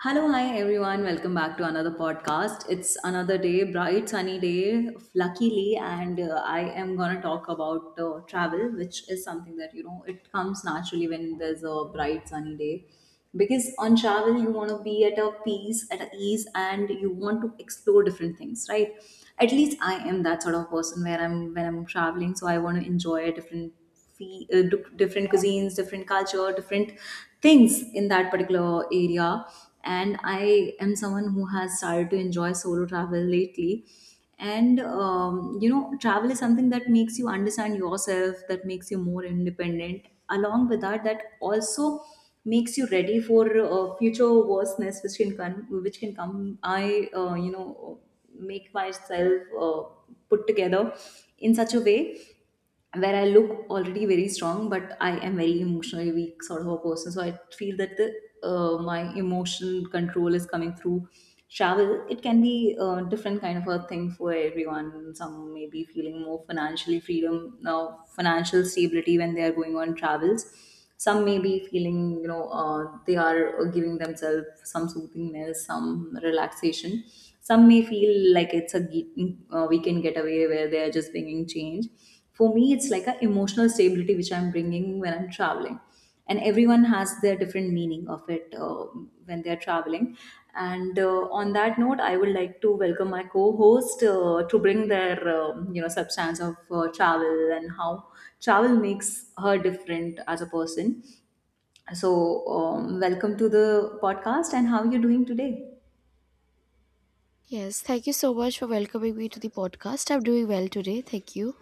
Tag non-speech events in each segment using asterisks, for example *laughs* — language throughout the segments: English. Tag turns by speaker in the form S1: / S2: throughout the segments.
S1: Hello, hi everyone. Welcome back to another podcast. It's another day, bright sunny day, luckily, and I am gonna talk about travel, which is something that you know it comes naturally when there's a bright sunny day. Because on travel, you want to be at a peace, at a ease, and you want to explore different things, right? At least I am that sort of person where I'm when I'm traveling, so I want to enjoy different cuisines, different culture, different things in that particular area, and I am someone who has started to enjoy solo travel lately. And You know, travel is something that makes you understand yourself, that makes you more independent, along with that also makes you ready for future worseness which can come. Which can come I you know Make myself put together in such a way where I look already very strong, but I am very emotionally weak sort of a person. So I feel that my emotional control is coming through travel. It can be a different kind of a thing for everyone. Some may be feeling more financially freedom, financial stability when they are going on travels. Some may be feeling, you know, they are giving themselves some soothingness, some relaxation. Some may feel like it's a weekend getaway where they are just bringing change. For me it's like an emotional stability which I'm bringing when I'm traveling, and everyone has their different meaning of it when they're traveling. And on that note, I would like to welcome my co-host to bring their you know, substance of travel and how travel makes her different as a person. So, welcome to the podcast, and how are you doing today?
S2: Yes, thank you so much for welcoming me to the podcast. I'm doing well today. Thank you.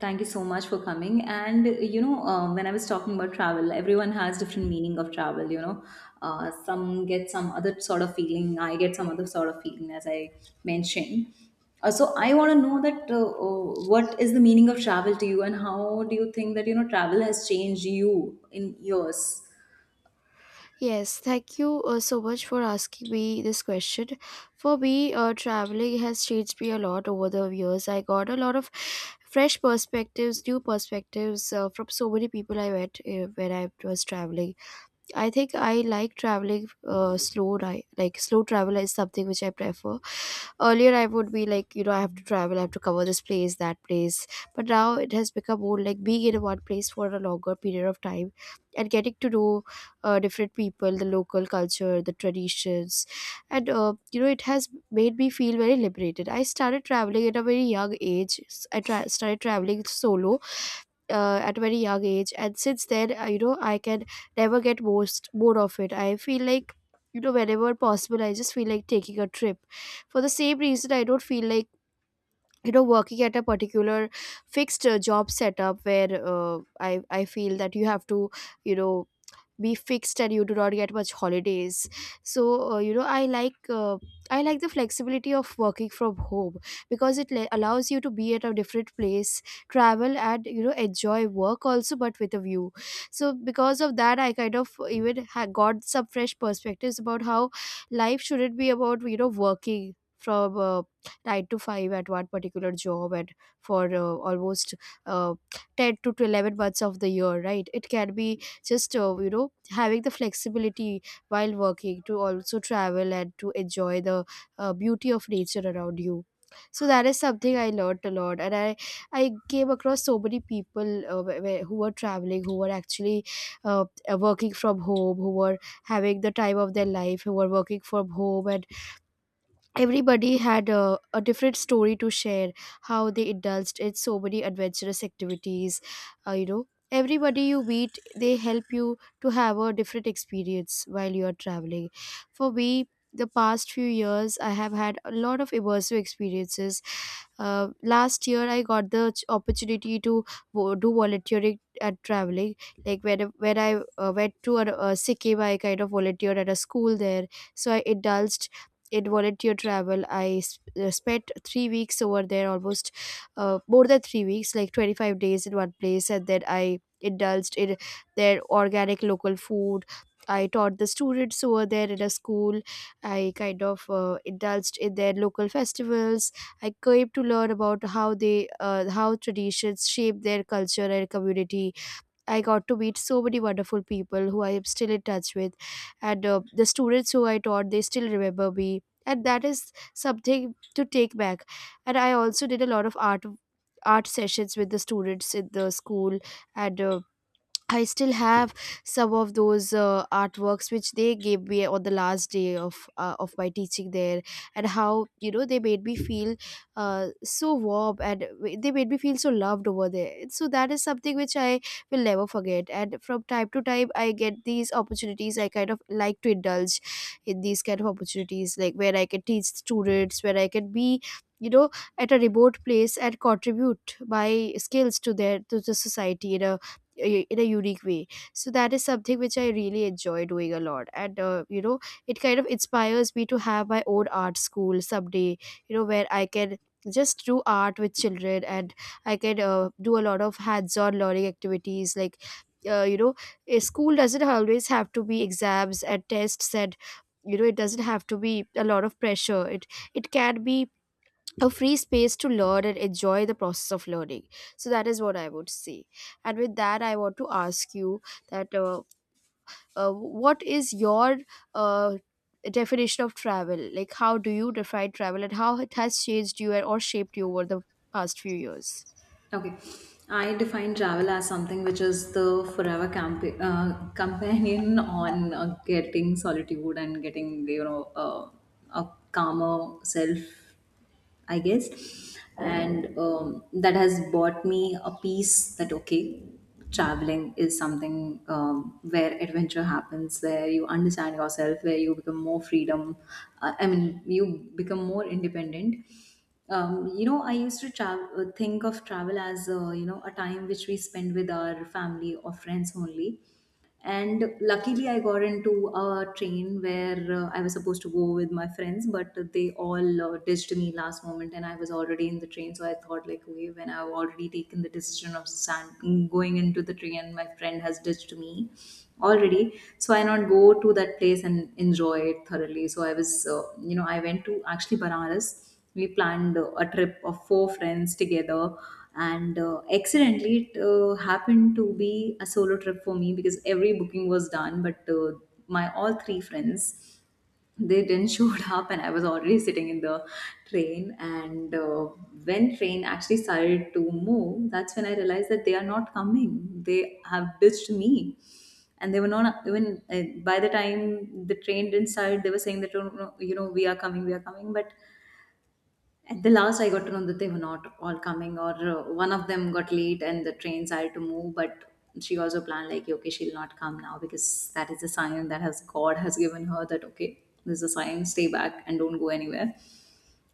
S1: Thank you so much for coming. And you know, when I was talking about travel, everyone has different meaning of travel. You know, some get some other sort of feeling. I get some other sort of feeling, as I mentioned. So I want to know that what is the meaning of travel to you, and how do you think that you know travel has changed you in years?
S2: Yes, thank you so much for asking me this question. For me, traveling has changed me a lot over the years. I got a lot of fresh perspectives, new perspectives from so many people I met when I was traveling. I think I like traveling slow ri Like slow travel is something which I prefer. Earlier, I would be like, you know, I have to travel, I have to cover this place, that place. But now it has become more like being in one place for a longer period of time and getting to know different people, the local culture, the traditions, and, you know, it has made me feel very liberated. I started traveling at a very young age. Started traveling solo at very young age, and since then, you know, I can never get most bored of it. I feel like, you know, whenever possible, I just feel like taking a trip. For the same reason, I don't feel like, you know, working at a particular fixed job setup where, i I feel that you have to, you know, be fixed and you do not get much holidays. So, you know, I like, I like the flexibility of working from home because it allows you to be at a different place, travel, and, you know, enjoy work also but with a view. So because of that, I kind of even got some fresh perspectives about how life shouldn't be about, you know, working from, 9 to 5 at one particular job and for, almost, uh, 10 to 11 months of the year, right? It can be just, you know, having the flexibility while working to also travel and to enjoy the beauty of nature around you. So that is something I learned a lot, and I came across so many people who were traveling, who were actually, uh, working from home, who were having the time of their life, who were working from home. And everybody had a different story to share, how they indulged in so many adventurous activities. You know, everybody you meet, they help you to have a different experience while you are traveling. For me, the past few years, I have had a lot of immersive experiences. Last year, I got the opportunity to do volunteering at traveling. Like, when I went to a Sikkim, I kind of volunteered at a school there. So I indulged in volunteer travel. I spent 3 weeks over there, almost, more than 3 weeks, like 25 days in one place. And then I indulged in their organic local food. I taught the students over there in a school. I kind of indulged in their local festivals. I came to learn about how they, how traditions shape their culture and community. I got to meet so many wonderful people who I am still in touch with, and the students who I taught, they still remember me, and that is something to take back. And I also did a lot of art sessions with the students in the school, and I still have some of those artworks which they gave me on the last day of, of my teaching there, and how, you know, they made me feel so warm, and they made me feel so loved over there. And So that is something which I will never forget. And from time to time, I get these opportunities. I kind of like to indulge in these kind of opportunities, like where I can teach students, where I can be, you know, at a remote place and contribute my skills to their, to the society in a in a unique way. So that is something which I really enjoy doing a lot, and, you know, it kind of inspires me to have my own art school someday, you know, where I can just do art with children, and I can, do a lot of hands-on learning activities like, you know, a school doesn't always have to be exams and tests, and, you know, it doesn't have to be a lot of pressure. It can be a free space to learn and enjoy the process of learning. So that is what I would say. And with that, I want to ask you that, what is your, uh, definition of travel? Like, how do you define travel, and how it has changed you and or shaped you over the past few years?
S1: Okay, I define travel as something which is the forever companion *laughs* on getting solitude and getting, you know, a calmer self, I guess. And That has bought me a peace that, okay, traveling is something where adventure happens, where you understand yourself, where you become more freedom. I mean, you become more independent. You know, I used to think of travel as you know, a time which we spend with our family or friends only. And luckily, I got into a train where I was supposed to go with my friends, but they all ditched me last moment, and I was already in the train. So I thought, like, okay, when I've already taken the decision of going into the train, and my friend has ditched me already, so I not go to that place and enjoy it thoroughly. So I was, you know, I went to actually Banaras. We planned a trip of four friends together, and accidentally it happened to be a solo trip for me, because every booking was done, but my all three friends, they didn't *laughs* showed up, and I was already sitting in the train. And when train actually started to move, that's when I realized that they are not coming. They have ditched me, and they were not even uh, by the time the train didn't start, they were saying that "Oh, no, you know, we are coming, we are coming." But at the last, I got to know that they were not all coming, or one of them got late and the trains had to move. But she also planned, like, okay, she'll not come now, because that is a sign that has God has given her that, okay, this is a sign, stay back and don't go anywhere.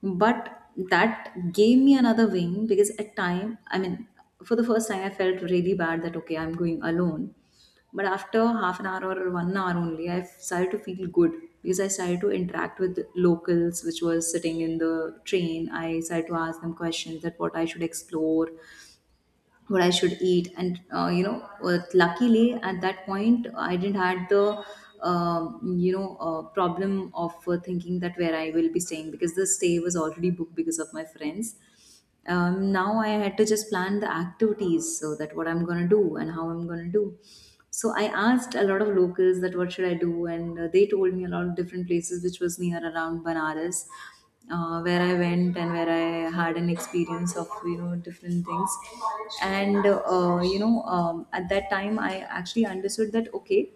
S1: But that gave me another wing, because at time, I mean, for the first time I felt really bad that okay, I'm going alone. But after half an hour or 1 hour only, I started to feel good, because I started to interact with locals which was sitting in the train. I started to ask them questions that what I should explore, what I should eat. And you know, luckily at that point I didn't had the you know, problem of thinking that where I will be staying, because the stay was already booked because of my friends. Now I had to just plan the activities, so that what I'm gonna do and how I'm gonna do. So I asked a lot of locals that what should I do, and they told me a lot of different places which was near around Banaras, where I went and where I had an experience of, you know, different things. And you know, at that time I actually understood that okay,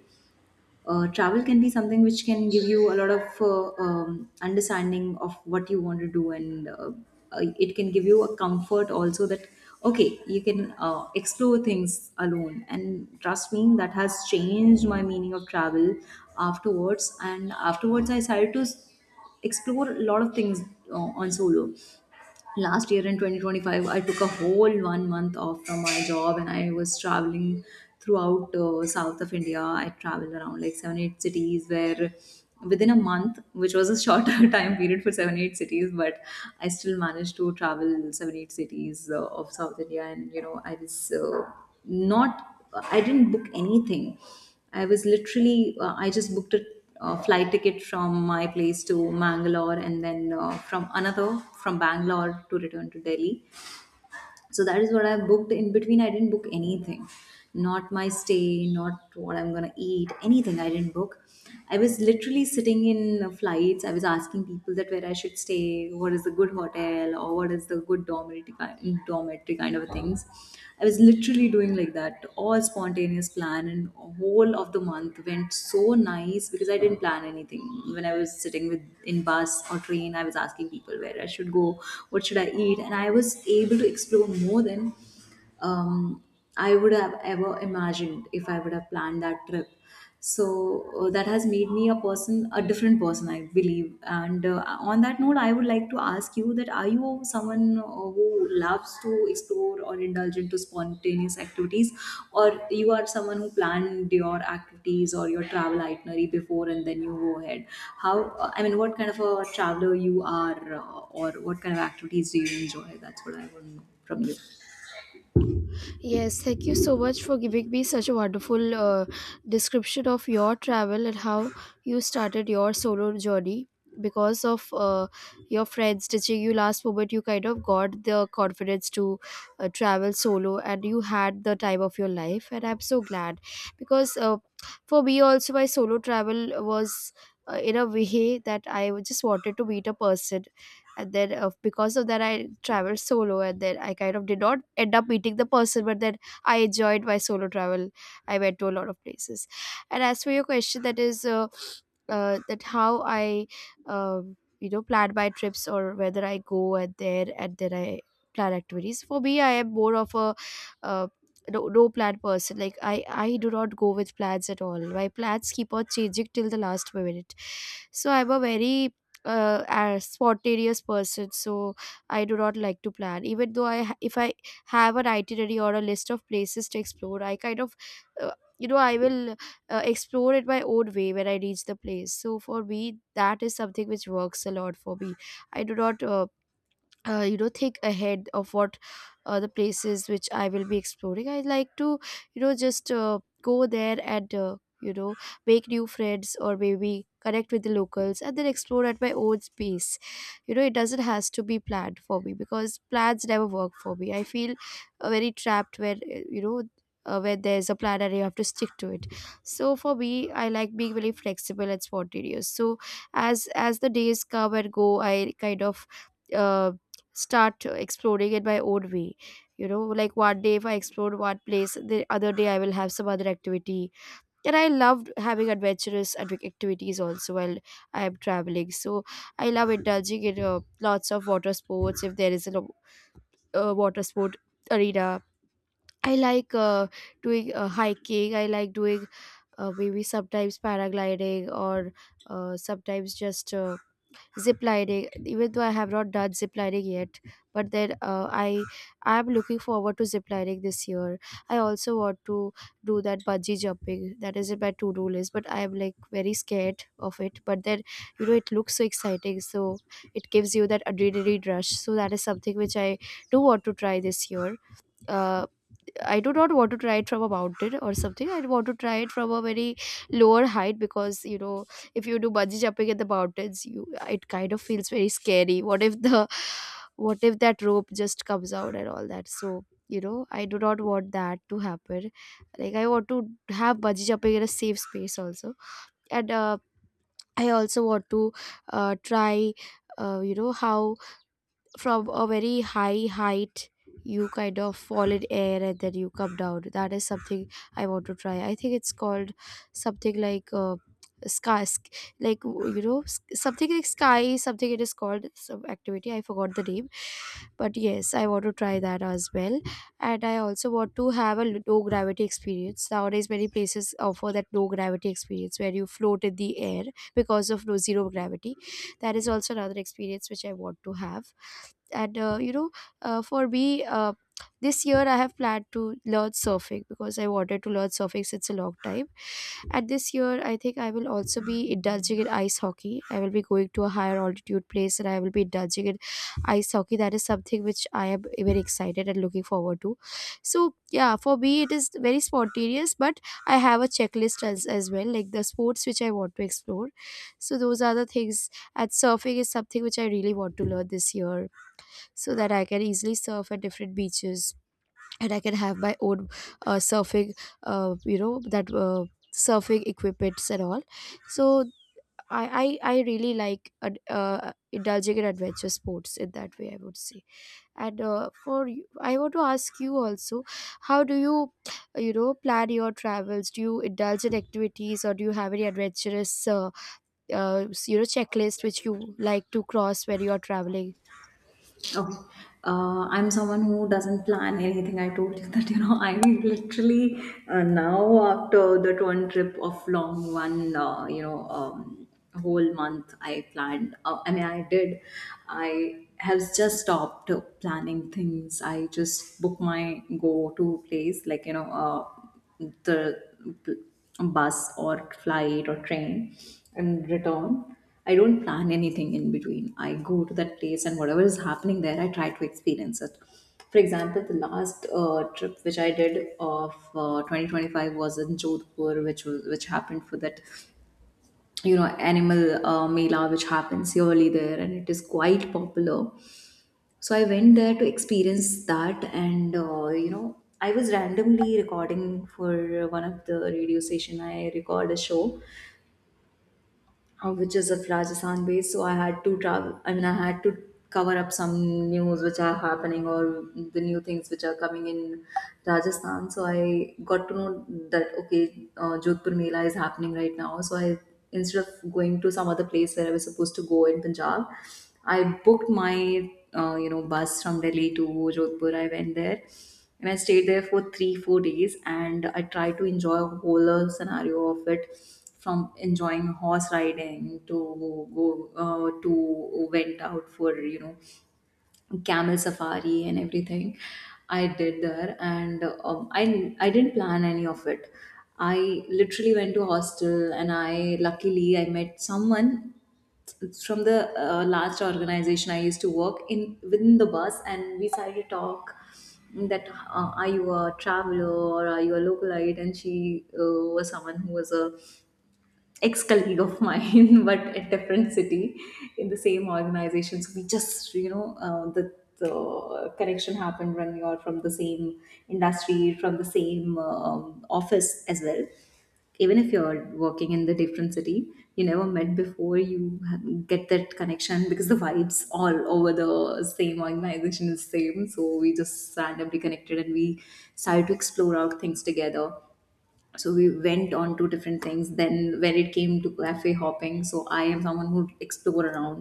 S1: travel can be something which can give you a lot of understanding of what you want to do, and it can give you a comfort also that okay, you can explore things alone. And trust me, that has changed my meaning of travel afterwards. And afterwards I started to explore a lot of things uh, on solo. Last year in 2025 I took a whole 1 month off from my job, and I was traveling throughout south of India. I traveled around like 7 8 cities where within a month, which was a shorter *laughs* time period for 7 8 cities, but I still managed to travel 7 8 cities of south India. And you know, I was not I didn't book anything. I was literally, I just booked a flight ticket from my place to Mangalore, and then from Bangalore to return to Delhi. So that is what I booked. In between, I didn't book anything. Not my stay, not what I'm going to eat, anything I didn't book. I was literally sitting in flights. I was asking people that where I should stay, what is the good hotel, or what is the good dormitory, dormitory kind of things. I was literally doing like that, all spontaneous plan, and whole of the month went so nice, because I didn't plan anything. When I was sitting with in bus or train, I was asking people where I should go, what should I eat, and I was able to explore more than um, I would have ever imagined if I would have planned that trip. So that has made me a different person, I believe. And on that note, I would like to ask you that are you someone who loves to explore or indulge into spontaneous activities, or you are someone who planned your activities or your travel itinerary before and then you go ahead. How I mean, what kind of a traveler you are, or what kind of activities do you enjoy? That's what I want to know from you.
S2: Yes, thank you so much for giving me such a wonderful description of your travel and how you started your solo journey. Because of, your friends teaching you last moment, you kind of got the confidence to travel solo, and you had the time of your life. And I'm so glad because, for me, also, my solo travel was in a way that I just wanted to meet a person, and then, because of that, I traveled solo, and then I kind of did not end up meeting the person, but then I enjoyed my solo travel. I went to a lot of places. And as for your question, that is, that how I, you know, plan my trips or whether I go and there and then I plan activities. For me, I am more of a, uh, no plan person. Like, I do not go with plans at all. My plans keep on changing till the last minute. So I'm a very, a spontaneous person. So I do not like to plan. Even though I if I have an itinerary or a list of places to explore, I kind of, uh, you know, I will, explore it my own way when I reach the place. So for me, that is something which works a lot for me. I do not, you know, think ahead of what, the places which I will be exploring. I like to, you know, just, go there, and, you know, make new friends or maybe connect with the locals and then explore at my own pace. You know, it doesn't has to be planned for me because plans never work for me. I feel very trapped when, you know, when there's a plan and you have to stick to it. So for me, I like being very flexible and spontaneous. So as the days come and go, I kind of, uh, start exploring in my own way. You know, like, one day if I explored one place, the other day I will have some other activity. And I loved having adventurous activities also while I am traveling. So I love indulging in lots of water sports. If there is a water sport arena, I like doing hiking. I like doing maybe sometimes paragliding, or sometimes just zip lining. Even though I have not done zip lining yet, but then, I am looking forward to zip lining this year. I also want to do that bungee jumping. That is in my to-do list, but I am like very scared of it. But then, you know, it looks so exciting. So it gives you that adrenaline rush. So that is something which I do want to try this year. uh, I do not want to try it from a mountain or something. I want to try it from a very lower height, because, you know, if you do bungee jumping in the mountains, you it kind of feels very scary. What if the what if that rope just comes out and all that? So, you know, I do not want that to happen. Like I want to have bungee jumping in a safe space also, and I also want to try how from a very high height you kind of fall in air and then you come down. That is something I want to try. I think it's called something like sky like you know something like sky something. It is called some activity, I forgot the name, but yes, I want to try that as well. And I also want to have a no gravity experience. Nowadays many places offer that no gravity experience where you float in the air because of no zero gravity. That is also another experience which I want to have. And for me, uh, this year I have planned to learn surfing, because I wanted to learn surfing since a long time. And this year I think I will also be indulging in ice hockey. I will be going to a higher altitude place, and I will be indulging in ice hockey. That is something which I am very excited and looking forward to. So yeah, for me it is very spontaneous, but I have a checklist as well, like the sports which I want to explore. So those are the things. And surfing is something which I really want to learn this year, so that I can easily surf at different beaches, and I can have my own surfing, you know, that surfing equipments and all. So I really like indulging in adventure sports in that way, I would say. And for you, I want to ask you also, how do you, you know, plan your travels? Do you indulge in activities, or do you have any adventurous checklist which you like to cross when you are traveling?
S1: Oh, I'm someone who doesn't plan anything. I told you *laughs* that, you know, I literally now after the one trip of long one, you know, whole month I planned. I mean, I did. I have just stopped planning things. I just book my go-to place, like, you know. The bus or flight or train and return. I don't plan anything in between. I go to that place and whatever is happening there, I try to experience it. For example, the last trip which I did of 2025 was in Jodhpur, which happened for that, you know, animal mela which happens yearly there, and it is quite popular. So I went there to experience that. And you know, I was randomly recording for one of the radio station. I record a show which is of Rajasthan based. So I had to travel. I mean, I had to cover up some news which are happening or the new things which are coming in Rajasthan. So I got to know that okay, Jodhpur Mela is happening right now. So I, instead of going to some other place where I was supposed to go in Punjab, I booked my you know, bus from Delhi to Jodhpur. I went there and I stayed there for 3, 4 days, and I tried to enjoy a whole scenario of it, from enjoying horse riding to go to went out for, you know, camel safari and everything. I did there, and I didn't plan any of it. I literally went to hostel, and I luckily I met someone, it's from the last organization I used to work in within the bus, and we started to talk that are you a traveler or are you a localite? And she was someone who was a ex-colleague of mine *laughs* but a different city in the same organization, so we just the connection happened when you're from the same industry, from the same office as well, even if you're working in the different city, you never met before. Get that connection because the vibes all over the same organization is same, so we just randomly connected and we started to explore out things together. So we went on to different things. Then when it came to cafe hopping, so I am someone who explore around.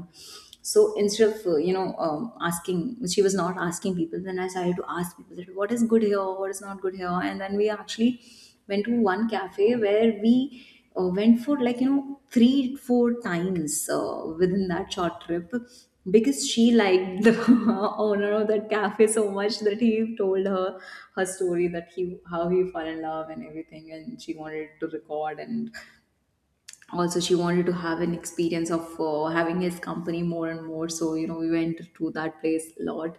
S1: So instead of asking, she was not asking people, then I started to ask people that what is good here, what is not good here. And then we actually went to one cafe where we went for like 3-4 times within that short trip, because she liked the *laughs* owner of that cafe so much that he told her her story, that he, how he fell in love and everything, and she wanted to record, and also she wanted to have an experience of having his company more and more, so we went to that place a lot.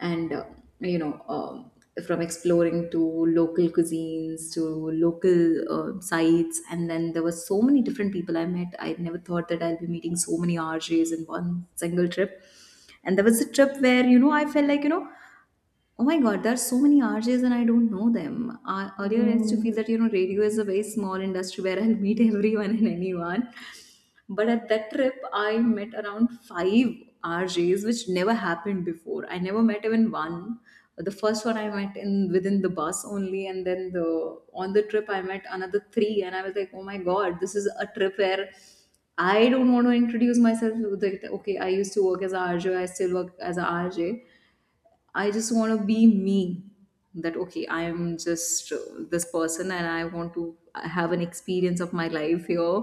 S1: And you know um, from exploring to local cuisines to local sites. And then there were so many different people I met. I never thought that I'll be meeting so many rjs in one single trip. And there was a trip where I felt like, oh my God, there are so many RJs and I don't know them. Earlier, I used to feel that radio is a very small industry where I'll meet *laughs* everyone and anyone. But at that trip, I met around five RJs, which never happened before. I never met even one. The first one I met in within the bus only, and then the on the trip I met another three, and I was like, oh my God, this is a trip where I don't want to introduce myself. Like, okay, I used to work as a RJ, I still work as a RJ. I just want to be me. That okay, I am just this person, and I want to have an experience of my life here,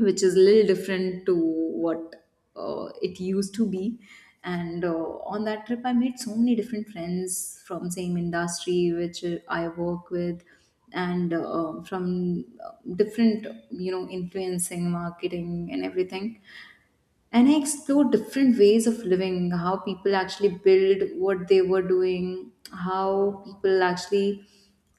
S1: which is a little different to what it used to be. And on that trip, I made so many different friends from same industry which I work with, and from different influencing, marketing, and everything, and I explored different ways of living, how people actually build what they were doing, how people actually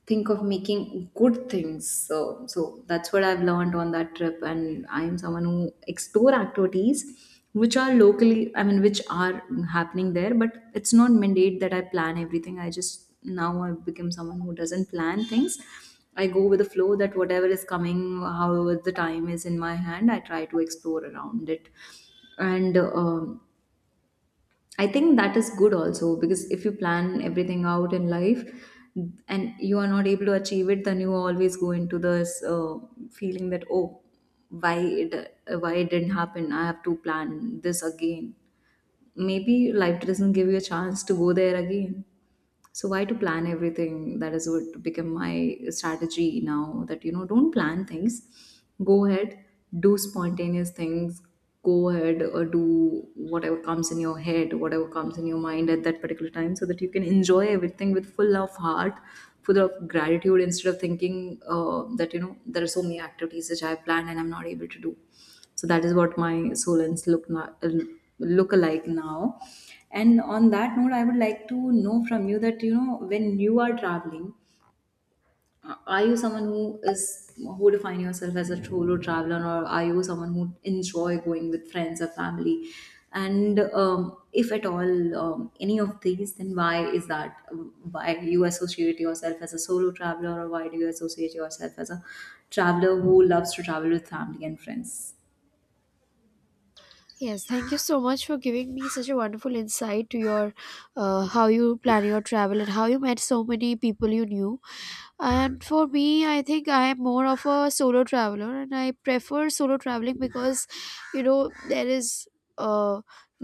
S1: think of making good things. So, that's what I've learned on that trip, and I am someone who explore activities which are locally, I mean, which are happening there, but it's not mandate that I plan everything. I just Now I've become someone who doesn't plan things. I go with the flow that whatever is coming, however the time is in my hand, I try to explore around it, and I think that is good also, because if you plan everything out in life and you are not able to achieve it, then you always go into this feeling that, oh, why it why it didn't happen, I have to plan this again. Maybe life doesn't give you a chance to go there again, so why to plan everything? That is what become my strategy now, that don't plan things, go ahead, do spontaneous things, go ahead or do whatever comes in your head, whatever comes in your mind at that particular time, so that you can enjoy everything with full of heart, full of gratitude, instead of thinking that there are so many activities which I have planned and I'm not able to do. So that is what my solens look alike now. And on that note, I would like to know from you that when you are traveling, are you someone is who define yourself as a solo traveler, or are you someone who enjoy going with friends or family, and if at all any of these, then why is that, why you associate yourself as a solo traveler, or why do you associate yourself as a traveler who loves to travel with family and friends?
S2: Yes, thank you so much for giving me such a wonderful insight to your how you plan your travel and how you met so many people you knew. And for me, I think I am more of a solo traveler, and I prefer solo traveling because, you know, there is uh,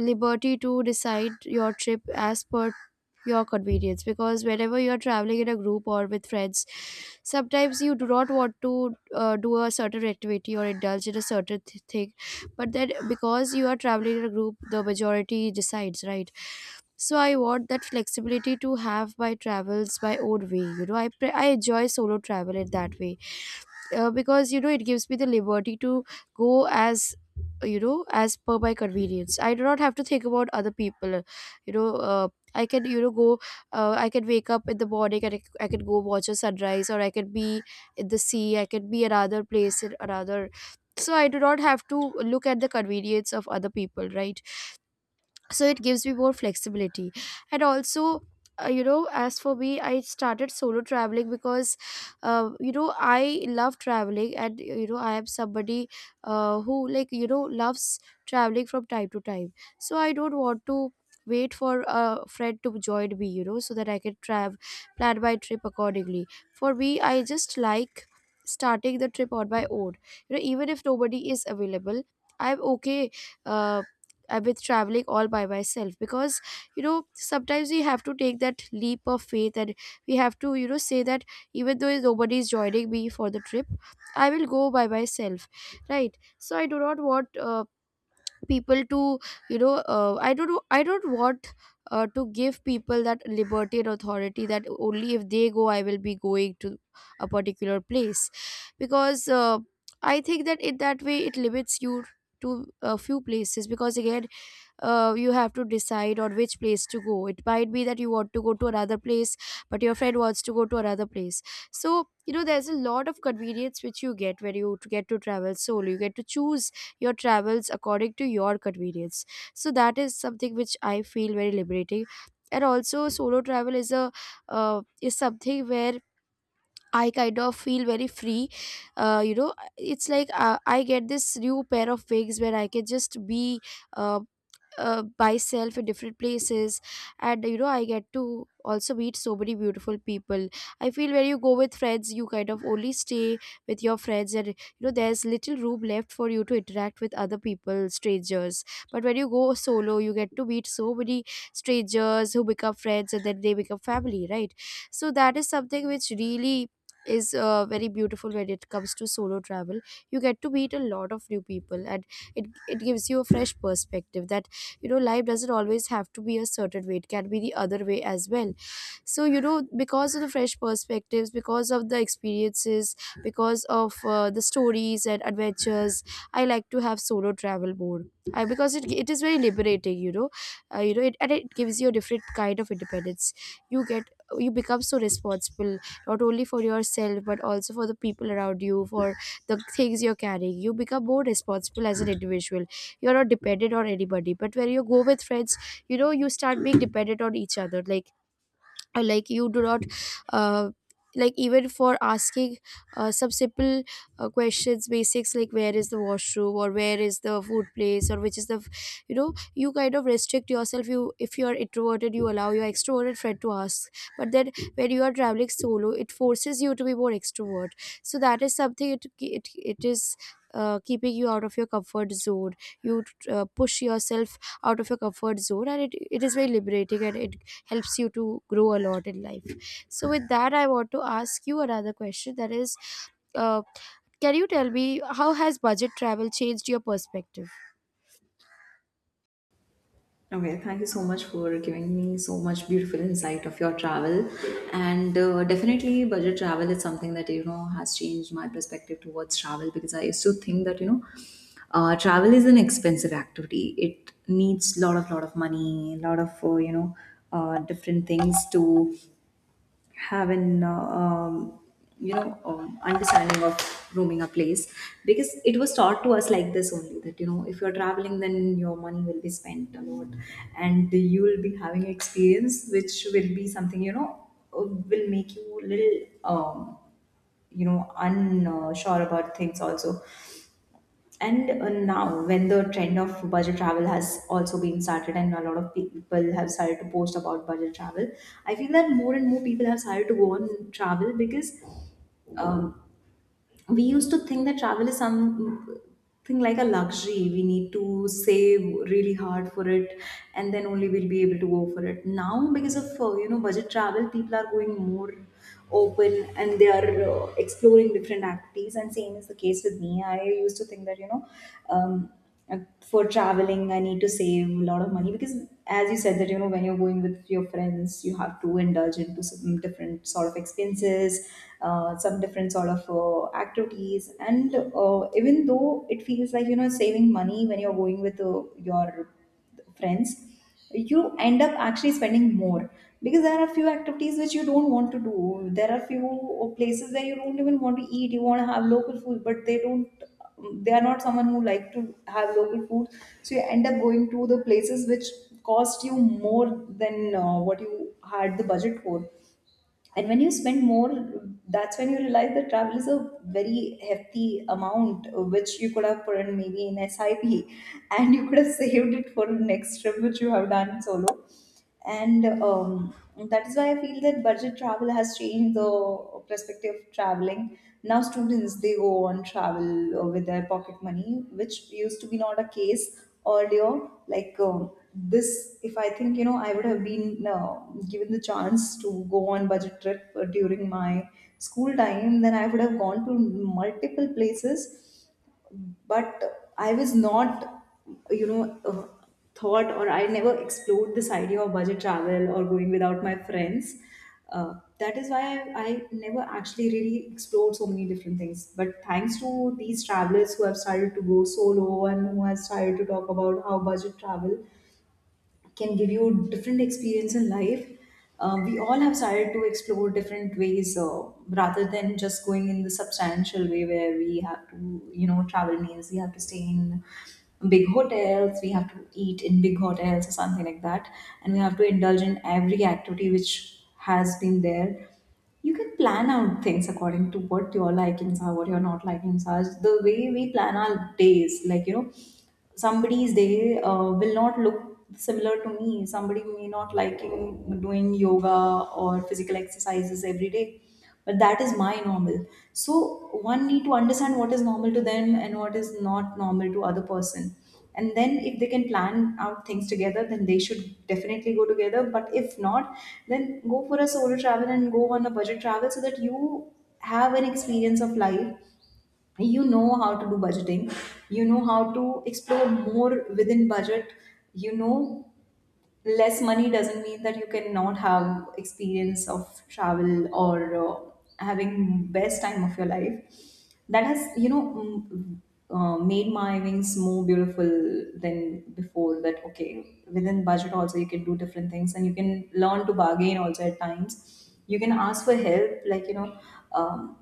S2: liberty to decide your trip as per your convenience. Because whenever you are traveling in a group or with friends, sometimes you do not want to do a certain activity or indulge in a certain thing, but that, because you are traveling in a group, the majority decides, right? So I want that flexibility to have my travels my own way. You know, I enjoy solo travel in that way. Uh, because you know, it gives me the liberty to go as, you know, as per my convenience. I do not have to think about other people. you know uh, I can, you know, go. I can wake up in the morning and I can go watch a sunrise, or I can be in the sea, I can be another place in another. So I do not have to look at the convenience of other people, right? So it gives me more flexibility. And also, as for me, I started solo traveling because you know, I love traveling, and you know, I am somebody who, like, you know, loves traveling from time to time. So I don't want to wait for a friend to join me, you know, so that I can travel, plan my trip accordingly. For me, I just like starting the trip on my own, you know, even if nobody is available, I'm okay uh, with traveling all by myself. Because you know, sometimes we have to take that leap of faith, and we have to, you know, say that even though nobody is joining me for the trip, I will go by myself, right? So I do not want people to, you know, I don't want to give people that liberty and authority that only if they go I will be going to a particular place. Because I think that in that way it limits you to a few places, because again, you have to decide on which place to go. It might be that you want to go to another place, but your friend wants to go to another place. So, you know, there's a lot of convenience which you get when you get to travel solo. You get to choose your travels according to your convenience. So, that is something which I feel very liberating. And also, solo travel is a is something where I kind of feel very free. You know, it's like I get this new pair of wings where I can just be uh, myself in different places. And you know, I get to also meet so many beautiful people. I feel when you go with friends, you kind of only stay with your friends, and you know, there's little room left for you to interact with other people, strangers. But when you go solo, you get to meet so many strangers who become friends, and then they become family, right? So that is something which really is very beautiful when it comes to solo travel. You get to meet a lot of new people, and it gives you a fresh perspective that, you know, life doesn't always have to be a certain way, it can be the other way as well. So you know, because of the fresh perspectives, because of the experiences, because of the stories and adventures, I like to have solo travel more. Because it is very liberating, you know. And it gives you a different kind of independence. You get, you become so responsible, not only for yourself but also for the people around you, for the things you're carrying. You become more responsible as an individual. You're not dependent on anybody. But when you go with friends, you know, you start being dependent on each other. Like like you do not uh, like even for asking some simple questions, basics like where is the washroom, or where is the food place, or which is the you know, you kind of restrict yourself. You, if you are introverted, you allow your extroverted friend to ask. But then when you are traveling solo, it forces you to be more extrovert. So that is something, it is keeping you out of your comfort zone. You push yourself out of your comfort zone, and it is very liberating, and it helps you to grow a lot in life. So with that, I want to ask you another question, that is, uh, can you tell me, how has budget travel changed your perspective?
S1: Okay, thank you so much for giving me so much beautiful insight of your travel. And definitely, budget travel is something that, has changed my perspective towards travel, because I used to think that, travel is an expensive activity. It needs lot of money, lot of, different things to have an understanding of roaming a place, because it was taught to us like this only, that if you're traveling then your money will be spent a lot, and you will be having experience which will be something, will make you a little um, unsure about things also. And now, when the trend of budget travel has also been started, and a lot of people have started to post about budget travel, I feel that more and more people have started to go on travel, because um, we used to think that travel is something like a luxury. We need to save really hard for it, and then only we'll be able to go for it. Now, because of budget travel, people are going more open and they are exploring different activities. And same is the case with me. I used to think that. Um, and for traveling, I need to save a lot of money, because, as you said, that when you're going with your friends, you have to indulge into some different sort of experiences, some different sort of activities, and even though it feels like saving money when you're going with your friends, you end up actually spending more, because there are few activities which you don't want to do, there are few places where you don't even want to eat, you want to have local food but they don't, they are not someone who like to have local food, so you end up going to the places which cost you more than what you had the budget for. And when you spend more, that's when you realize that travel is a very hefty amount which you could have put in maybe in sip *laughs* and you could have *laughs* saved it for the next trip which you have done solo. And that is why I feel that budget travel has changed the perspective of traveling. Now students, they go on travel with their pocket money, which used to be not a case earlier. Like, this, if I think, I would have been given the chance to go on budget trip during my school time, then I would have gone to multiple places. But I was not, you know uh, thought, or I never explored this idea of budget travel or going without my friends, uh, that is why I never actually really explored so many different things. But thanks to these travelers who have started to go solo and who has started to talk about how budget travel can give you different experience in life, we all have started to explore different ways, rather than just going in the substantial way where we have to, travel means we have to stay in big hotels, we have to eat in big hotels or something like that, and we have to indulge in every activity which has been there. You can plan out things according to what your likings are, what your not likings are. The way we plan our days, like, somebody's day will not look similar to me. Somebody may not liking doing yoga or physical exercises every day, but that is my normal. So one need to understand what is normal to them and what is not normal to other person, and then if they can plan out things together, then they should definitely go together. But if not, then go for a solo travel and go on a budget travel, so that you have an experience of life, you know how to do budgeting, you know how to explore more within budget, you know less money doesn't mean that you cannot have experience of travel or having best time of your life. That has, made my wings more beautiful than before, that okay, within budget also you can do different things and you can learn to bargain also, at times you can ask for help, like, um,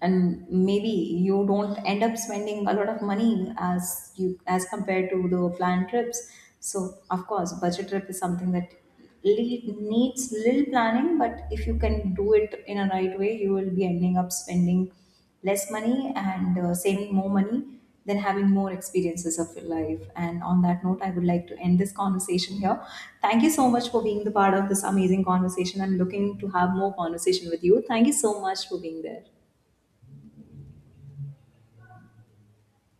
S1: and maybe you don't end up spending a lot of money as compared to the planned trips. So, of course, budget trip is something that needs little planning, but if you can do it in a right way, you will be ending up spending less money and saving more money, than having more experiences of your life. And on that note, I would like to end this conversation here. Thank you so much for being the part of this amazing conversation. I'm looking to have more conversation with you. Thank you so much for being there.